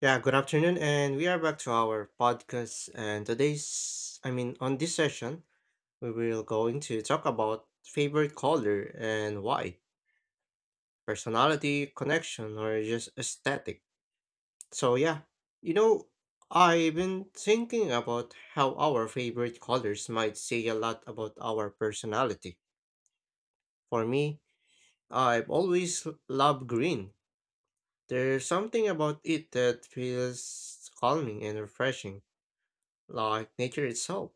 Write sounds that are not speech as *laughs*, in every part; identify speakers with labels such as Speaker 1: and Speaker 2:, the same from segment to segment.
Speaker 1: Yeah, good afternoon, and we are back to our podcast. And today's, I mean, On this session, we will going to talk about favorite color and why, personality, connection, or just aesthetic. So yeah, you know, I've been thinking about how our favorite colors might say a lot about our personality. For me, I've always loved green. There's something about it that feels calming and refreshing, like nature itself.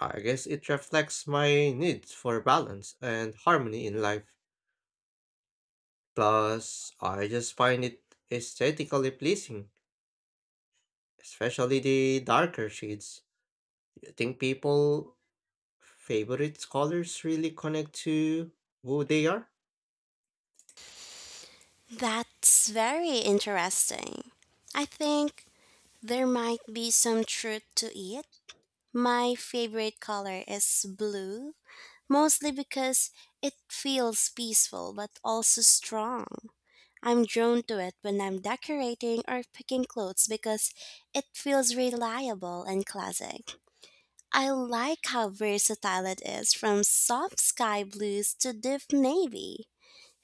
Speaker 1: I guess it reflects my need for balance and harmony in life. Plus, I just find it aesthetically pleasing, especially the darker shades. You think people favorite colors really connect to who they are?
Speaker 2: That's very interesting. I think there might be some truth to it. My favorite color is blue, mostly because it feels peaceful but also strong. I'm drawn to it when I'm decorating or picking clothes because it feels reliable and classic. I like how versatile it is from soft sky blues to deep navy.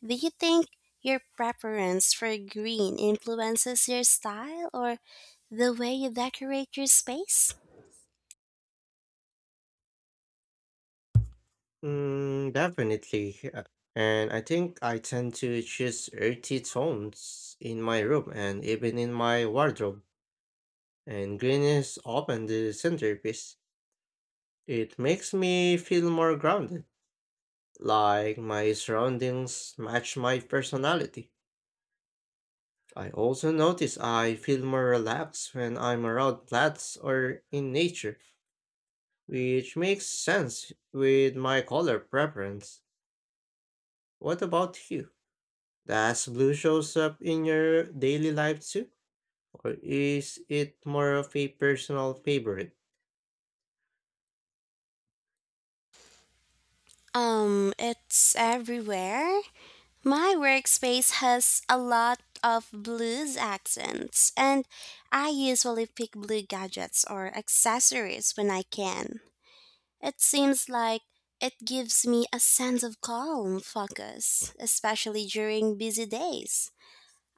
Speaker 2: Do you think your preference for green influences your style or the way you decorate your space?
Speaker 1: Mm, definitely. And I think I tend to choose earthy tones in my room and even in my wardrobe. And green is often the centerpiece. It makes me feel more grounded, like my surroundings match my personality. I also notice I feel more relaxed when I'm around plants or in nature, which makes sense with my color preference. What about you? Does blue shows up in your daily life too, or is it more of a personal favorite?
Speaker 2: It's everywhere. My workspace has a lot of blues accents, and I usually pick blue gadgets or accessories when I can. It seems like it gives me a sense of calm focus, especially during busy days.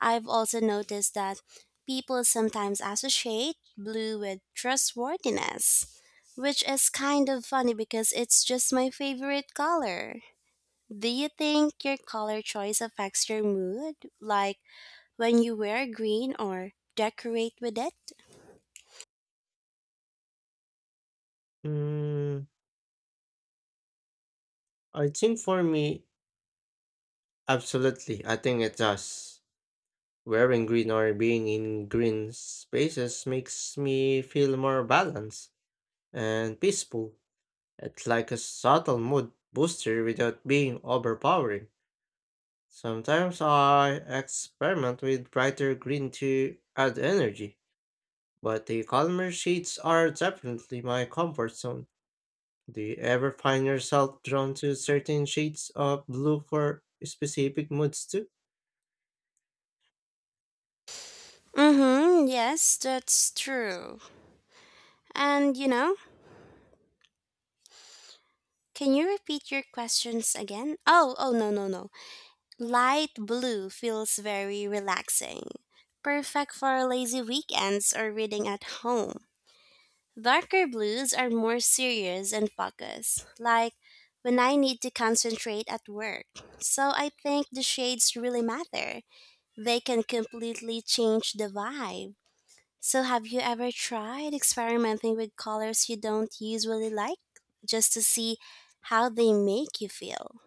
Speaker 2: I've also noticed that people sometimes associate blue with trustworthiness, which is kind of funny because it's just my favorite color. Do you think your color choice affects your mood, like when you wear green or decorate with it?
Speaker 1: Hmm, I think for me, absolutely. I think it does. Wearing green or being in green spaces makes me feel more balanced and peaceful. It's like a subtle mood booster without being overpowering. Sometimes I experiment with brighter green to add energy, but the calmer shades are definitely my comfort zone. Do you ever find yourself drawn to certain shades of blue for specific moods too?
Speaker 2: Mm-hmm, yes, that's true. And you know, can you repeat your questions again? Oh, oh no. Light blue feels very relaxing, perfect for lazy weekends or reading at home. Darker blues are more serious and focused, like when I need to concentrate at work. So I think the shades really matter. They can completely change the vibe. So have you ever tried experimenting with colors you don't usually like just to see how they make you feel?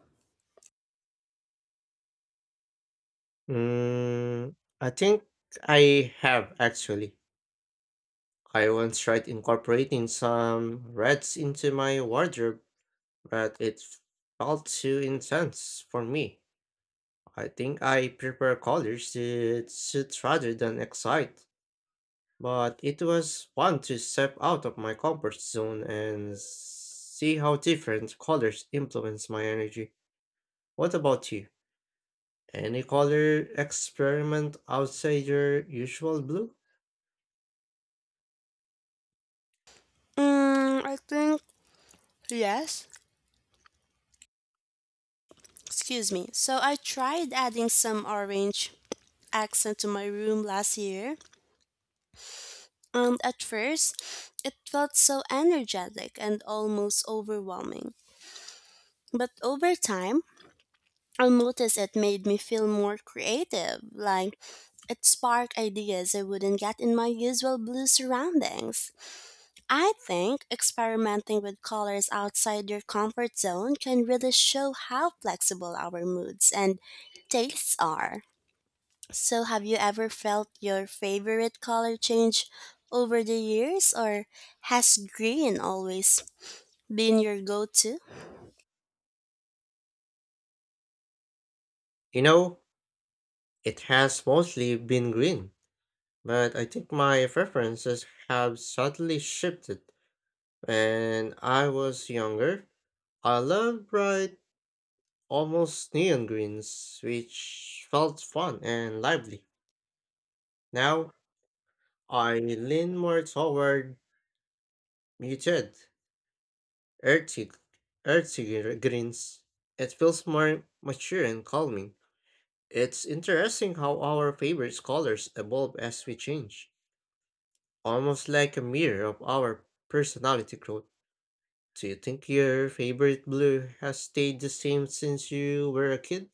Speaker 1: Mm, I think I have actually. I once tried incorporating some reds into my wardrobe, but it felt too intense for me. I think I prefer colors that suit rather than excite, but it was fun to step out of my comfort zone and see how different colors influence my energy. What about you? Any color experiment outside your usual blue?
Speaker 2: I think yes. Excuse me. So I tried adding some orange accent to my room last year, and at first it felt so energetic and almost overwhelming. But over time, I noticed it made me feel more creative, like it sparked ideas I wouldn't get in my usual blue surroundings. I think experimenting with colors outside your comfort zone can really show how flexible our moods and tastes are. So, have you ever felt your favorite color change over the years, or has green always been your go to?
Speaker 1: You know, it has mostly been green. But I think my preferences have subtly shifted. When I was younger, I loved bright, almost neon greens, which felt fun and lively. Now, I lean more toward muted, earthy, greens. It feels more mature and calming. It's interesting how our favorite colors evolve as we change, almost like a mirror of our personality growth. Do you think your favorite blue has stayed the same since you were a kid?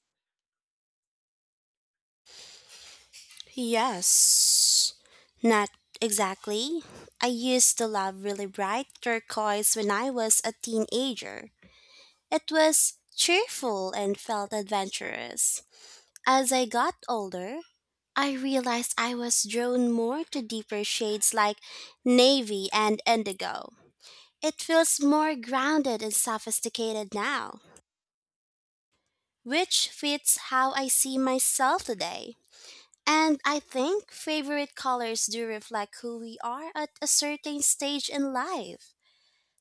Speaker 2: Yes, not exactly. I used to love really bright turquoise when I was a teenager. It was cheerful and felt adventurous. As I got older, I realized I was drawn more to deeper shades like navy and indigo. It feels more grounded and sophisticated now, which fits how I see myself today. And I think favorite colors do reflect who we are at a certain stage in life.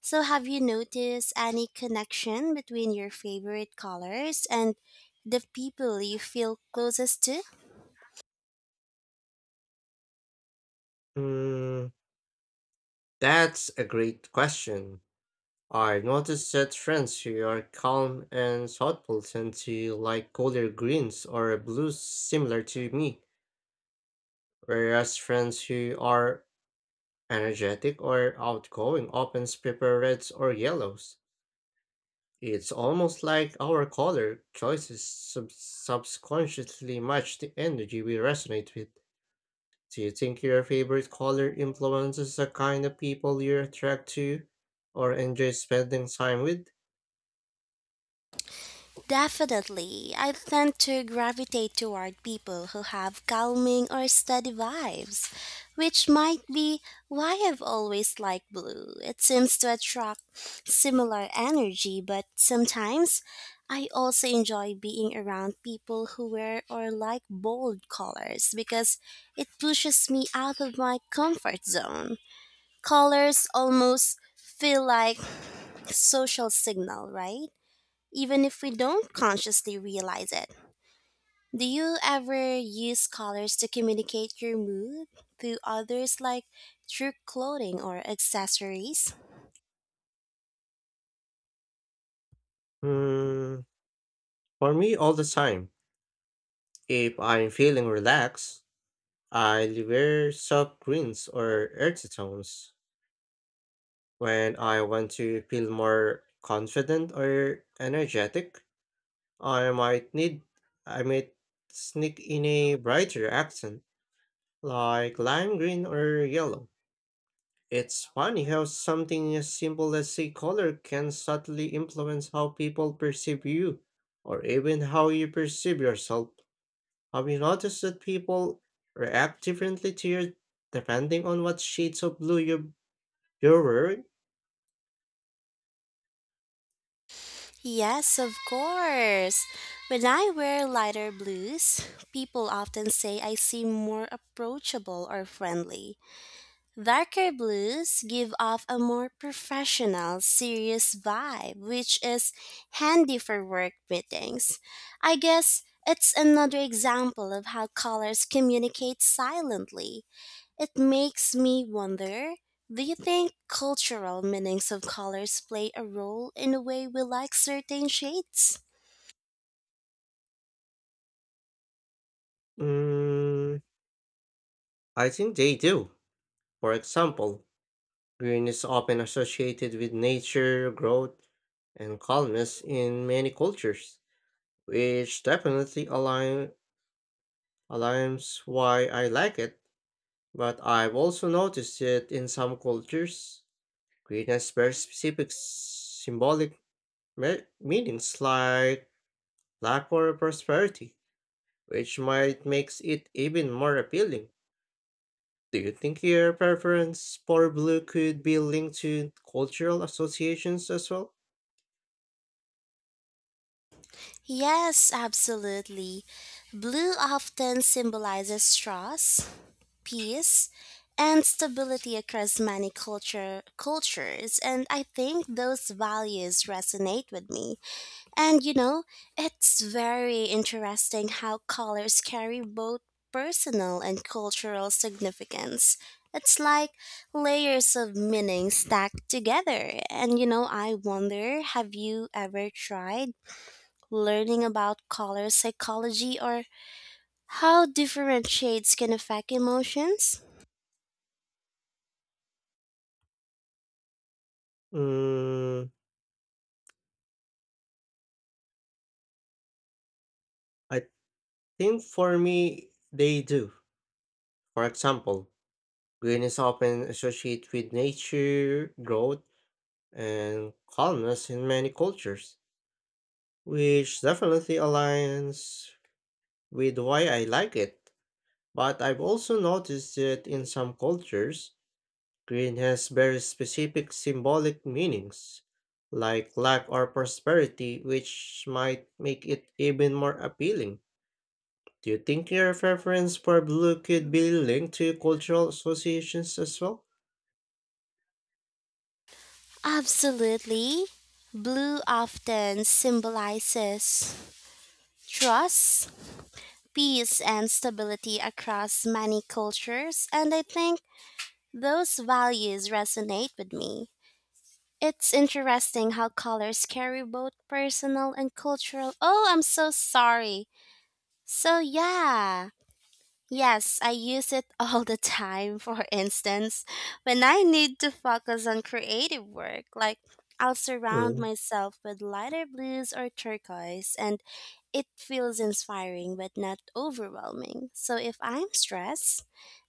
Speaker 2: So, have you noticed any connection between your favorite colors and the people you feel closest to?
Speaker 1: Mm, that's a great question. I noticed that friends who are calm and thoughtful tend to like color greens or blues similar to me, whereas friends who are energetic or outgoing often prefer reds or yellows. It's almost like our color choices subconsciously match the energy we resonate with. Do you think your favorite color influences the kind of people you attract to or enjoy spending time with?
Speaker 2: Definitely, I tend to gravitate toward people who have calming or steady vibes, which might be why I've always liked blue. It seems to attract similar energy, but sometimes I also enjoy being around people who wear or like bold colors because it pushes me out of my comfort zone. Colors almost feel like social signal, right? Even if we don't consciously realize it. Do you ever use colors to communicate your mood to others, like through clothing or accessories?
Speaker 1: Hmm, for me, all the time. If I'm feeling relaxed, I wear soft greens or earthy tones. When I want to feel more confident or energetic, I might need I might sneak in a brighter accent like lime green or yellow. It's funny how something as simple as a color can subtly influence how people perceive you, or even how you perceive yourself. Have you noticed that people react differently to you depending on what shades of blue you're wearing?
Speaker 2: Yes, of course. When I wear lighter blues, people often say I seem more approachable or friendly. Darker blues give off a more professional, serious vibe, which is handy for work meetings. I guess it's another example of how colors communicate silently. It makes me wonder, do you think cultural meanings of colors play a role in the way we like certain shades?
Speaker 1: Mm, I think they do. For example, green is often associated with nature, growth, and calmness in many cultures, which definitely align aligns why I like it. But I've also noticed it in some cultures. Green has very specific symbolic meanings like luck or prosperity, which might makes it even more appealing. Do you think your preference for blue could be linked to cultural associations as well?
Speaker 2: Yes, absolutely. Blue often symbolizes trust, peace, and stability across many cultures, and I think those values resonate with me. And you know, it's very interesting how colors carry both personal and cultural significance. It's like layers of meaning stacked together. And you know, I wonder, have you ever tried learning about color psychology or how different shades can affect emotions?
Speaker 1: Mm, I think for me, they do. For example, green is often associated with nature, growth, and calmness in many cultures, which definitely aligns with why I like it. But I've also noticed that in some cultures, green has very specific symbolic meanings, like luck or prosperity, which might make it even more appealing. Do you think your preference for blue could be linked to cultural associations as well?
Speaker 2: Absolutely. Blue often symbolizes trust, peace, and stability across many cultures, and I think those values resonate with me. It's interesting how colors carry both personal and cultural. Oh, I'm so sorry. So, yeah. Yes, I use it *laughs* all the time. *laughs* For instance, when I need to focus on creative work, like I'll surround
Speaker 1: Mm,
Speaker 2: myself with lighter blues or turquoise, and it feels inspiring but not overwhelming. So if I'm stressed,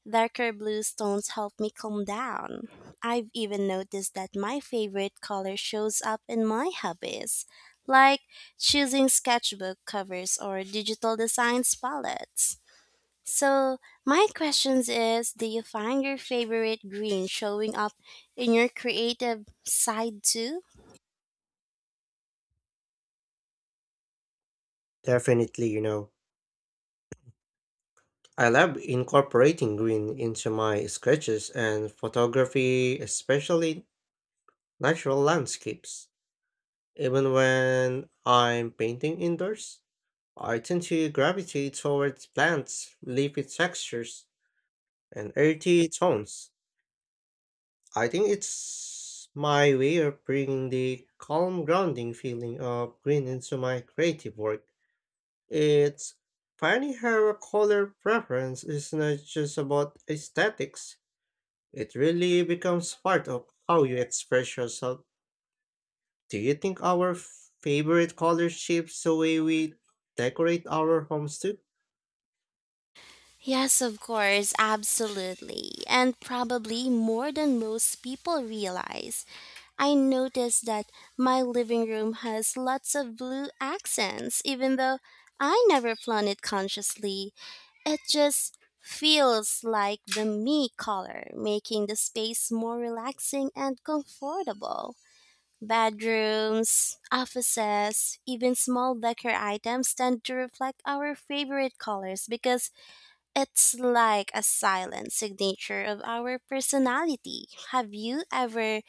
Speaker 2: darker blue tones help me calm down. I've even noticed that my favorite color shows up in my hobbies, like choosing sketchbook covers or digital designs palettes. So, my questions is, do you find your favorite green showing up in your creative side too?
Speaker 1: definitely, you know, I love incorporating green into my sketches and photography, especially natural landscapes. Even when I'm painting indoors, I tend to gravitate towards plants, leafy textures, and earthy tones. I think it's my way of bringing the calm, grounding feeling of green into my creative work. It's funny how a color preference is not just about aesthetics, it really becomes part of how you express yourself. Do you think our favorite color shapes the way we decorate our homes too?
Speaker 2: Yes, of course, absolutely. And probably more than most people realize. I noticed that my living room has lots of blue accents, even though I never planned it consciously. It just feels like the me color, making the space more relaxing and comfortable. Bedrooms, offices, even small decor items tend to reflect our favorite colors because it's like a silent signature of our personality. Have you ever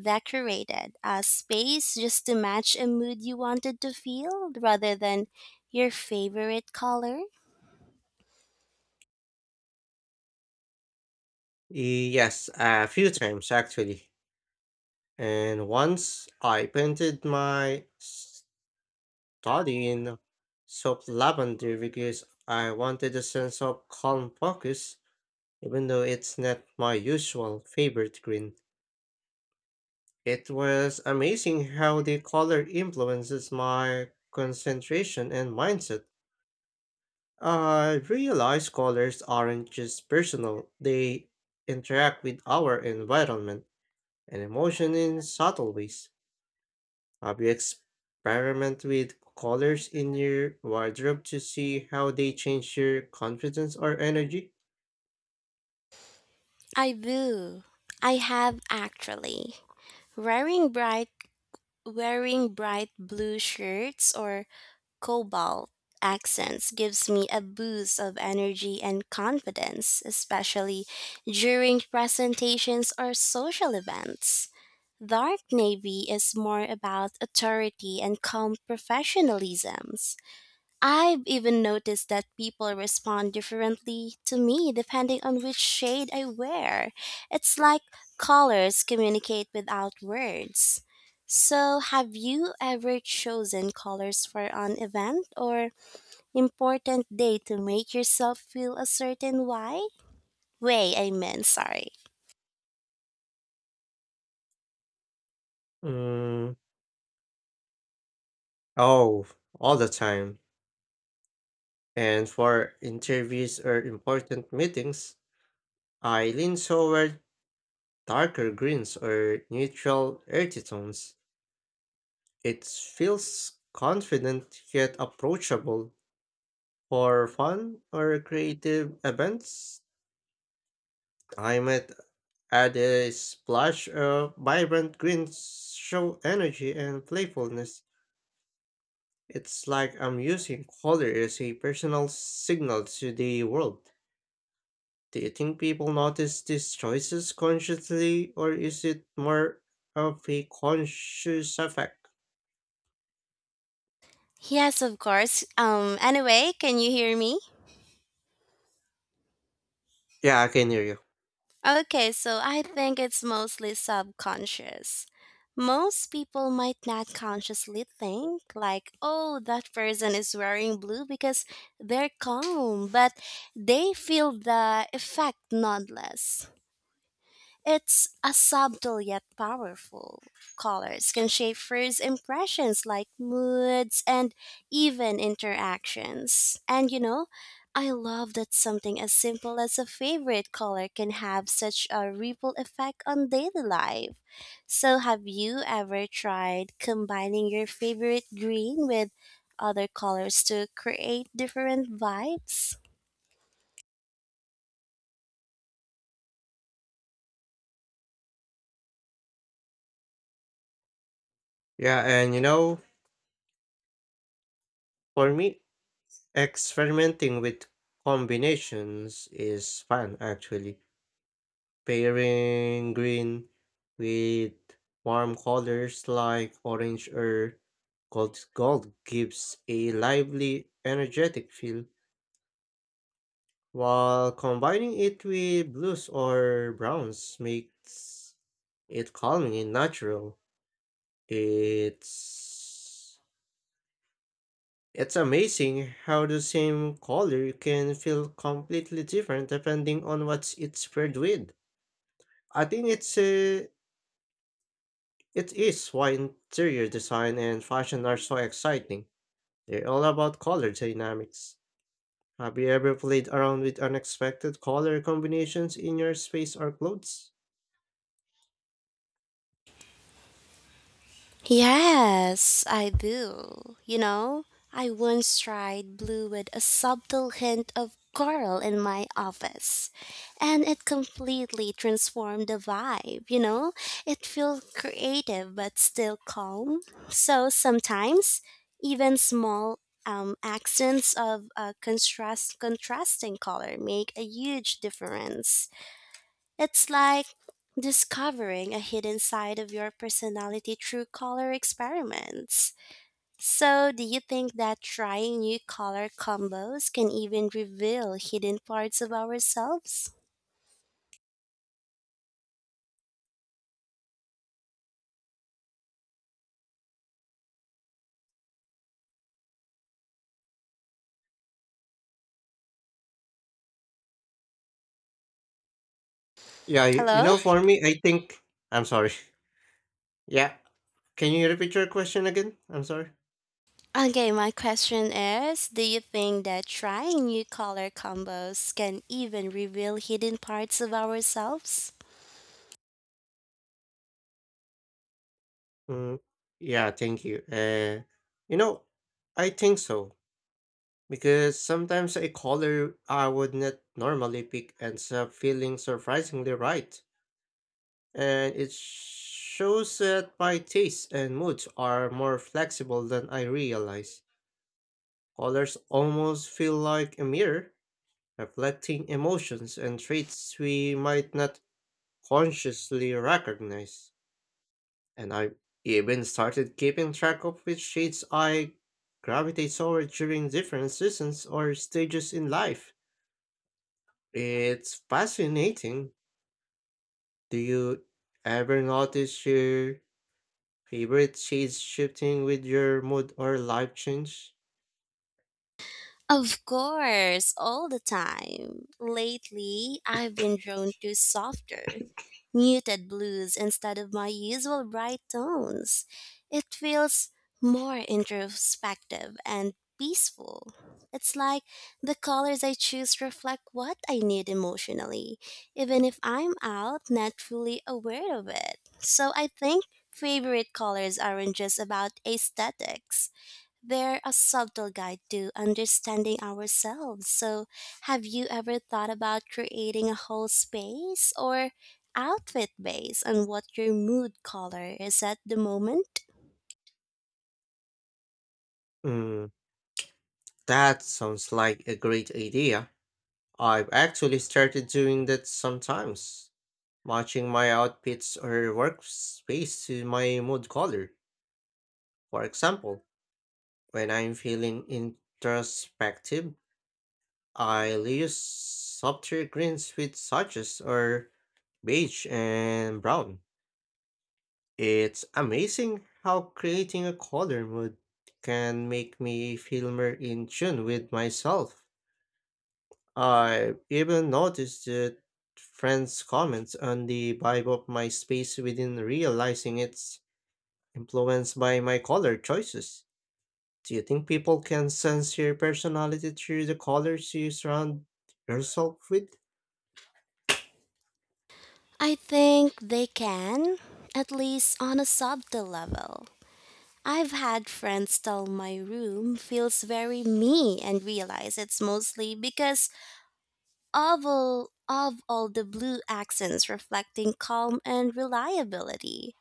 Speaker 2: decorated a space just to match a mood you wanted to feel rather than your favorite color?
Speaker 1: Yes, a few times actually. And once I painted my study in soft lavender because I wanted a sense of calm focus, even though it's not my usual favorite green. It was amazing how the color influences my concentration and mindset. I realize colors aren't just personal, they interact with our environment and emotion in subtle ways. Have you experimented with colors in your wardrobe to see how they change your confidence or energy?
Speaker 2: I do. I have actually. Wearing bright wearing bright blue shirts or cobalt accents gives me a boost of energy and confidence, especially during presentations or social events. Dark navy is more about authority and calm professionalism. I've even noticed that people respond differently to me depending on which shade I wear. It's like colors communicate without words. So, have you ever chosen colors for an event or important day to make yourself feel a certain why? Way, I meant, sorry.
Speaker 1: Mm, oh, all the time. And for interviews or important meetings, I lean toward darker greens or neutral earthy tones. It feels confident yet approachable. For fun or creative events, I might add a splash of vibrant greens, show energy and playfulness. It's like I'm using color as a personal signal to the world. Do you think people notice these choices consciously, or is it more of a conscious effect?
Speaker 2: Yes, of course. Anyway, can you hear me?
Speaker 1: Yeah, I can hear you.
Speaker 2: Okay, so I think it's mostly subconscious. Most people might not consciously think, like, oh, that person is wearing blue because they're calm, but they feel the effect nonetheless. It's a subtle yet powerful. Colors can shape first impressions like moods and even interactions. And you know, I love that something as simple as a favorite color can have such a ripple effect on daily life. So, have you ever tried combining your favorite green with other colors to create different vibes?
Speaker 1: Yeah, and you know, for me, experimenting with combinations is fun actually. Pairing green with warm colors like orange or gold gives a lively, energetic feel, while combining it with blues or browns makes it calming and natural. It's It's amazing how the same color can feel completely different depending on what it's paired with. I think it is why interior design and fashion are so exciting. They're all about color dynamics. Have you ever played around with unexpected color combinations in your space or clothes?
Speaker 2: Yes, I do. You know, I once tried blue with a subtle hint of coral in my office, and it completely transformed the vibe. You know, it feels creative but still calm. So sometimes, even small accents of a contrasting color make a huge difference. It's like discovering a hidden side of your personality through color experiments. So, do you think that trying new color combos can even reveal hidden parts of ourselves?
Speaker 1: Yeah, you
Speaker 2: Hello?
Speaker 1: know, for me, I think. I'm sorry. *laughs* Yeah, can you repeat your question again? I'm sorry.
Speaker 2: Okay, my question is, do you think that trying new color combos can even reveal hidden parts of ourselves?
Speaker 1: Mm, yeah, thank you. You know, I think so because sometimes a color I would not normally pick ends up feeling surprisingly right, and it shows that my tastes and moods are more flexible than I realize. Colors almost feel like a mirror, reflecting emotions and traits we might not consciously recognize. And I even started keeping track of which shades I gravitate toward during different seasons or stages in life. It's fascinating. Do you ever notice your favorite shades shifting with your mood or life change?
Speaker 2: Of course, all the time. Lately, I've been drawn to softer, muted blues instead of my usual bright tones. It feels more introspective and peaceful. It's like the colors I choose reflect what I need emotionally, even if I'm out not fully aware of it. So I think favorite colors aren't just about aesthetics, they're a subtle guide to understanding ourselves. So, have you ever thought about creating a whole space or outfit based on what your mood color is at the moment?
Speaker 1: Mm, that sounds like a great idea. I've actually started doing that sometimes, matching my outfits or workspace to my mood color. For example, when I'm feeling introspective, I'll use softer greens with swatches or beige and brown. It's amazing how creating a color mood can make me feel more in tune with myself. I even noticed that friends' comments on the vibe of my space within realizing it's influenced by my color choices. Do you think people can sense your personality through the colors you surround yourself with?
Speaker 2: I think they can, at least on a subtle level. I've had friends tell my room feels very me and realize it's mostly because of all the blue accents reflecting calm and reliability.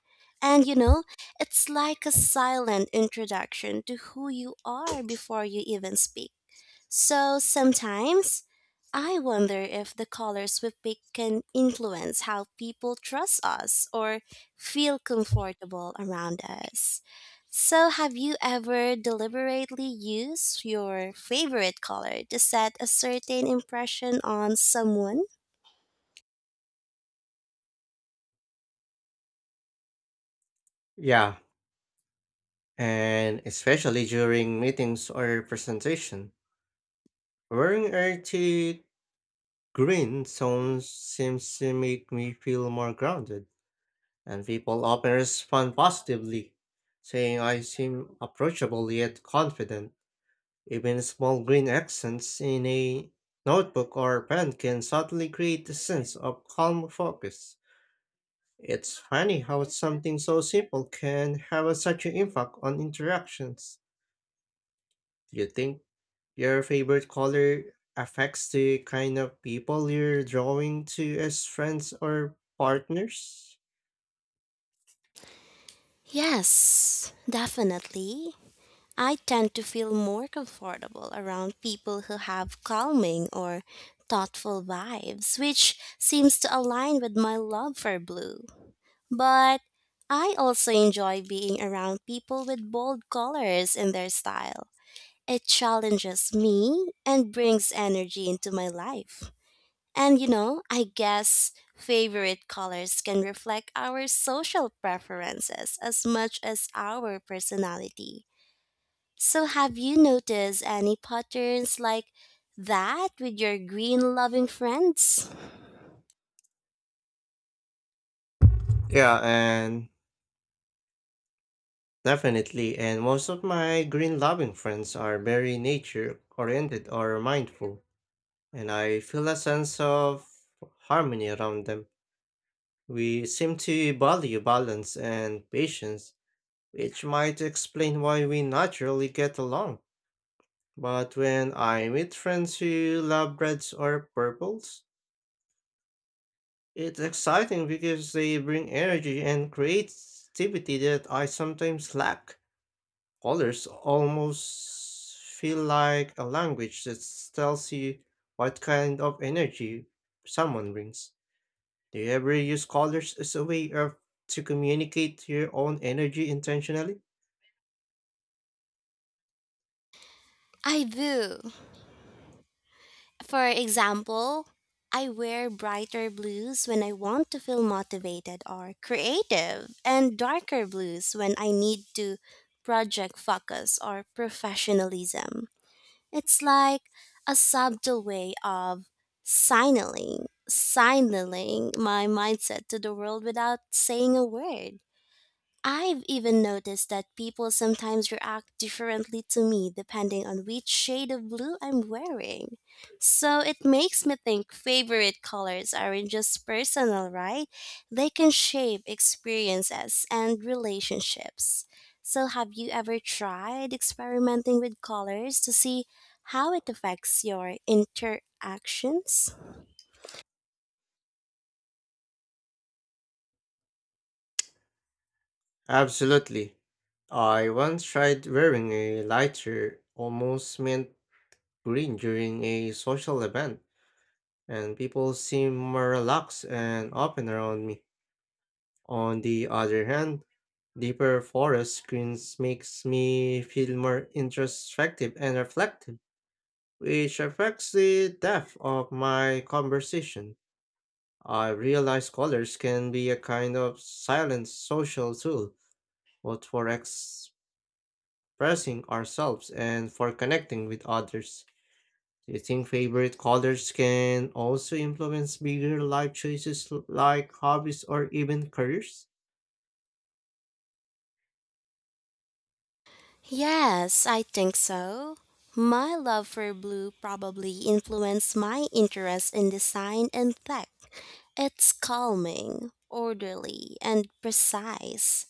Speaker 2: And you know, it's like a silent introduction to who you are before you even speak. So sometimes I wonder if the colors we pick can influence how people trust us or feel comfortable around us. So, have you ever deliberately used your favorite color to set a certain impression on someone?
Speaker 1: Yeah, and especially during meetings or presentation. Wearing earthy green tones seems to make me feel more grounded, and people often respond positively, saying I seem approachable yet confident. Even small green accents in a notebook or pen can subtly create a sense of calm focus. It's funny how something so simple can have such an impact on interactions. Do you think your favorite color affects the kind of people you're drawing to as friends or partners?
Speaker 2: Yes, definitely. I tend to feel more comfortable around people who have calming or thoughtful vibes, which seems to align with my love for blue. But I also enjoy being around people with bold colors in their style. It challenges me and brings energy into my life. And you know, I guess favorite colors can reflect our social preferences as much as our personality. So, have you noticed any patterns like that with your green loving friends?
Speaker 1: Yeah, and Definitely, and most of my green loving friends are very nature oriented or mindful, and I feel a sense of harmony around them. We seem to value balance and patience, which might explain why we naturally get along. But when I meet friends who love reds or purples, it's exciting because they bring energy and creativity that I sometimes lack. Colors almost feel like a language that tells you what kind of energy someone brings. Do you ever use colors as a way of to communicate your own energy intentionally?
Speaker 2: I do. For example, I wear brighter blues when I want to feel motivated or creative, and darker blues when I need to project focus or professionalism. It's like a subtle way of signaling my mindset to the world without saying a word. I've even noticed that people sometimes react differently to me depending on which shade of blue I'm wearing. So it makes me think favorite colors aren't just personal, right? They can shape experiences and relationships. So have you ever tried experimenting with colors to see how it affects your interactions?
Speaker 1: Absolutely. I once tried wearing a lighter, almost mint green during a social event, and people seemed more relaxed and open around me. On the other hand, deeper forest screens makes me feel more introspective and reflective, which affects the depth of my conversation. I realize colors can be a kind of silent social tool, both for expressing ourselves and for connecting with others. Do you think favorite colors can also influence bigger life choices like hobbies or even careers?
Speaker 2: Yes, I think so. My love for blue probably influenced my interest in design and tech. It's calming, orderly, and precise.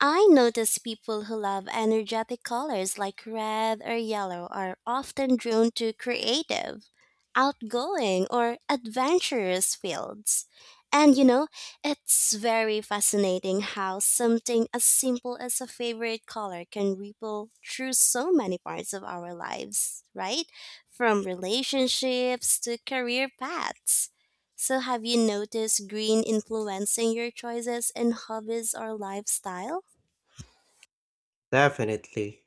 Speaker 2: I notice people who love energetic colors like red or yellow are often drawn to creative, outgoing, or adventurous fields. And you know, it's very fascinating how something as simple as a favorite color can ripple through so many parts of our lives, right? From relationships to career paths. So, have you noticed green influencing your choices in hobbies or lifestyle?
Speaker 1: Definitely.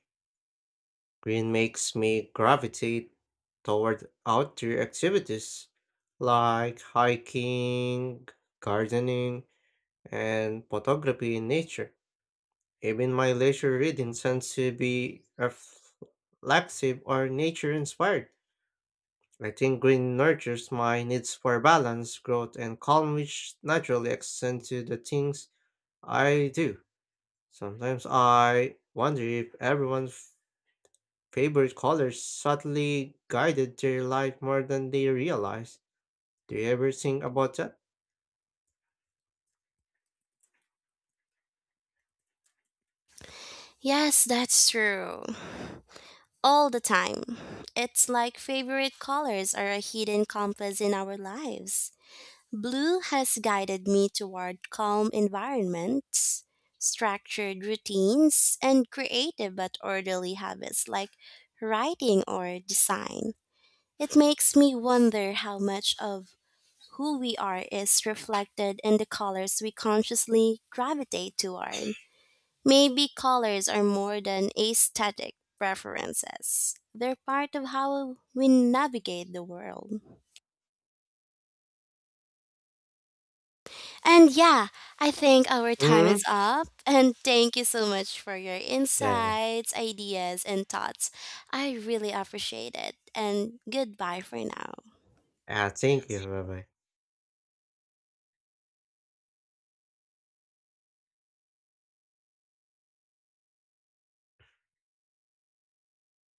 Speaker 1: Green makes me gravitate toward outdoor activities like hiking, gardening, and photography in nature. Even my leisure reading tends to be reflexive or nature inspired. I think green nurtures my needs for balance, growth, and calm, which naturally extend to the things I do. Sometimes I wonder if everyone favorite colors subtly guided their life more than they realize. Do you ever think about that?
Speaker 2: Yes, that's true. All the time. It's like favorite colors are a hidden compass in our lives. Blue has guided me toward calm environments, structured routines, and creative but orderly habits like writing or design. It makes me wonder how much of who we are is reflected in the colors we consciously gravitate toward. Maybe colors are more than aesthetic preferences. They're part of how we navigate the world. And yeah, I think our time
Speaker 1: Hmm.
Speaker 2: is up. And thank you so much for your
Speaker 1: Yeah.
Speaker 2: insights, ideas, and thoughts. I really appreciate it. And goodbye for now.
Speaker 1: Ah, thank you. Bye bye.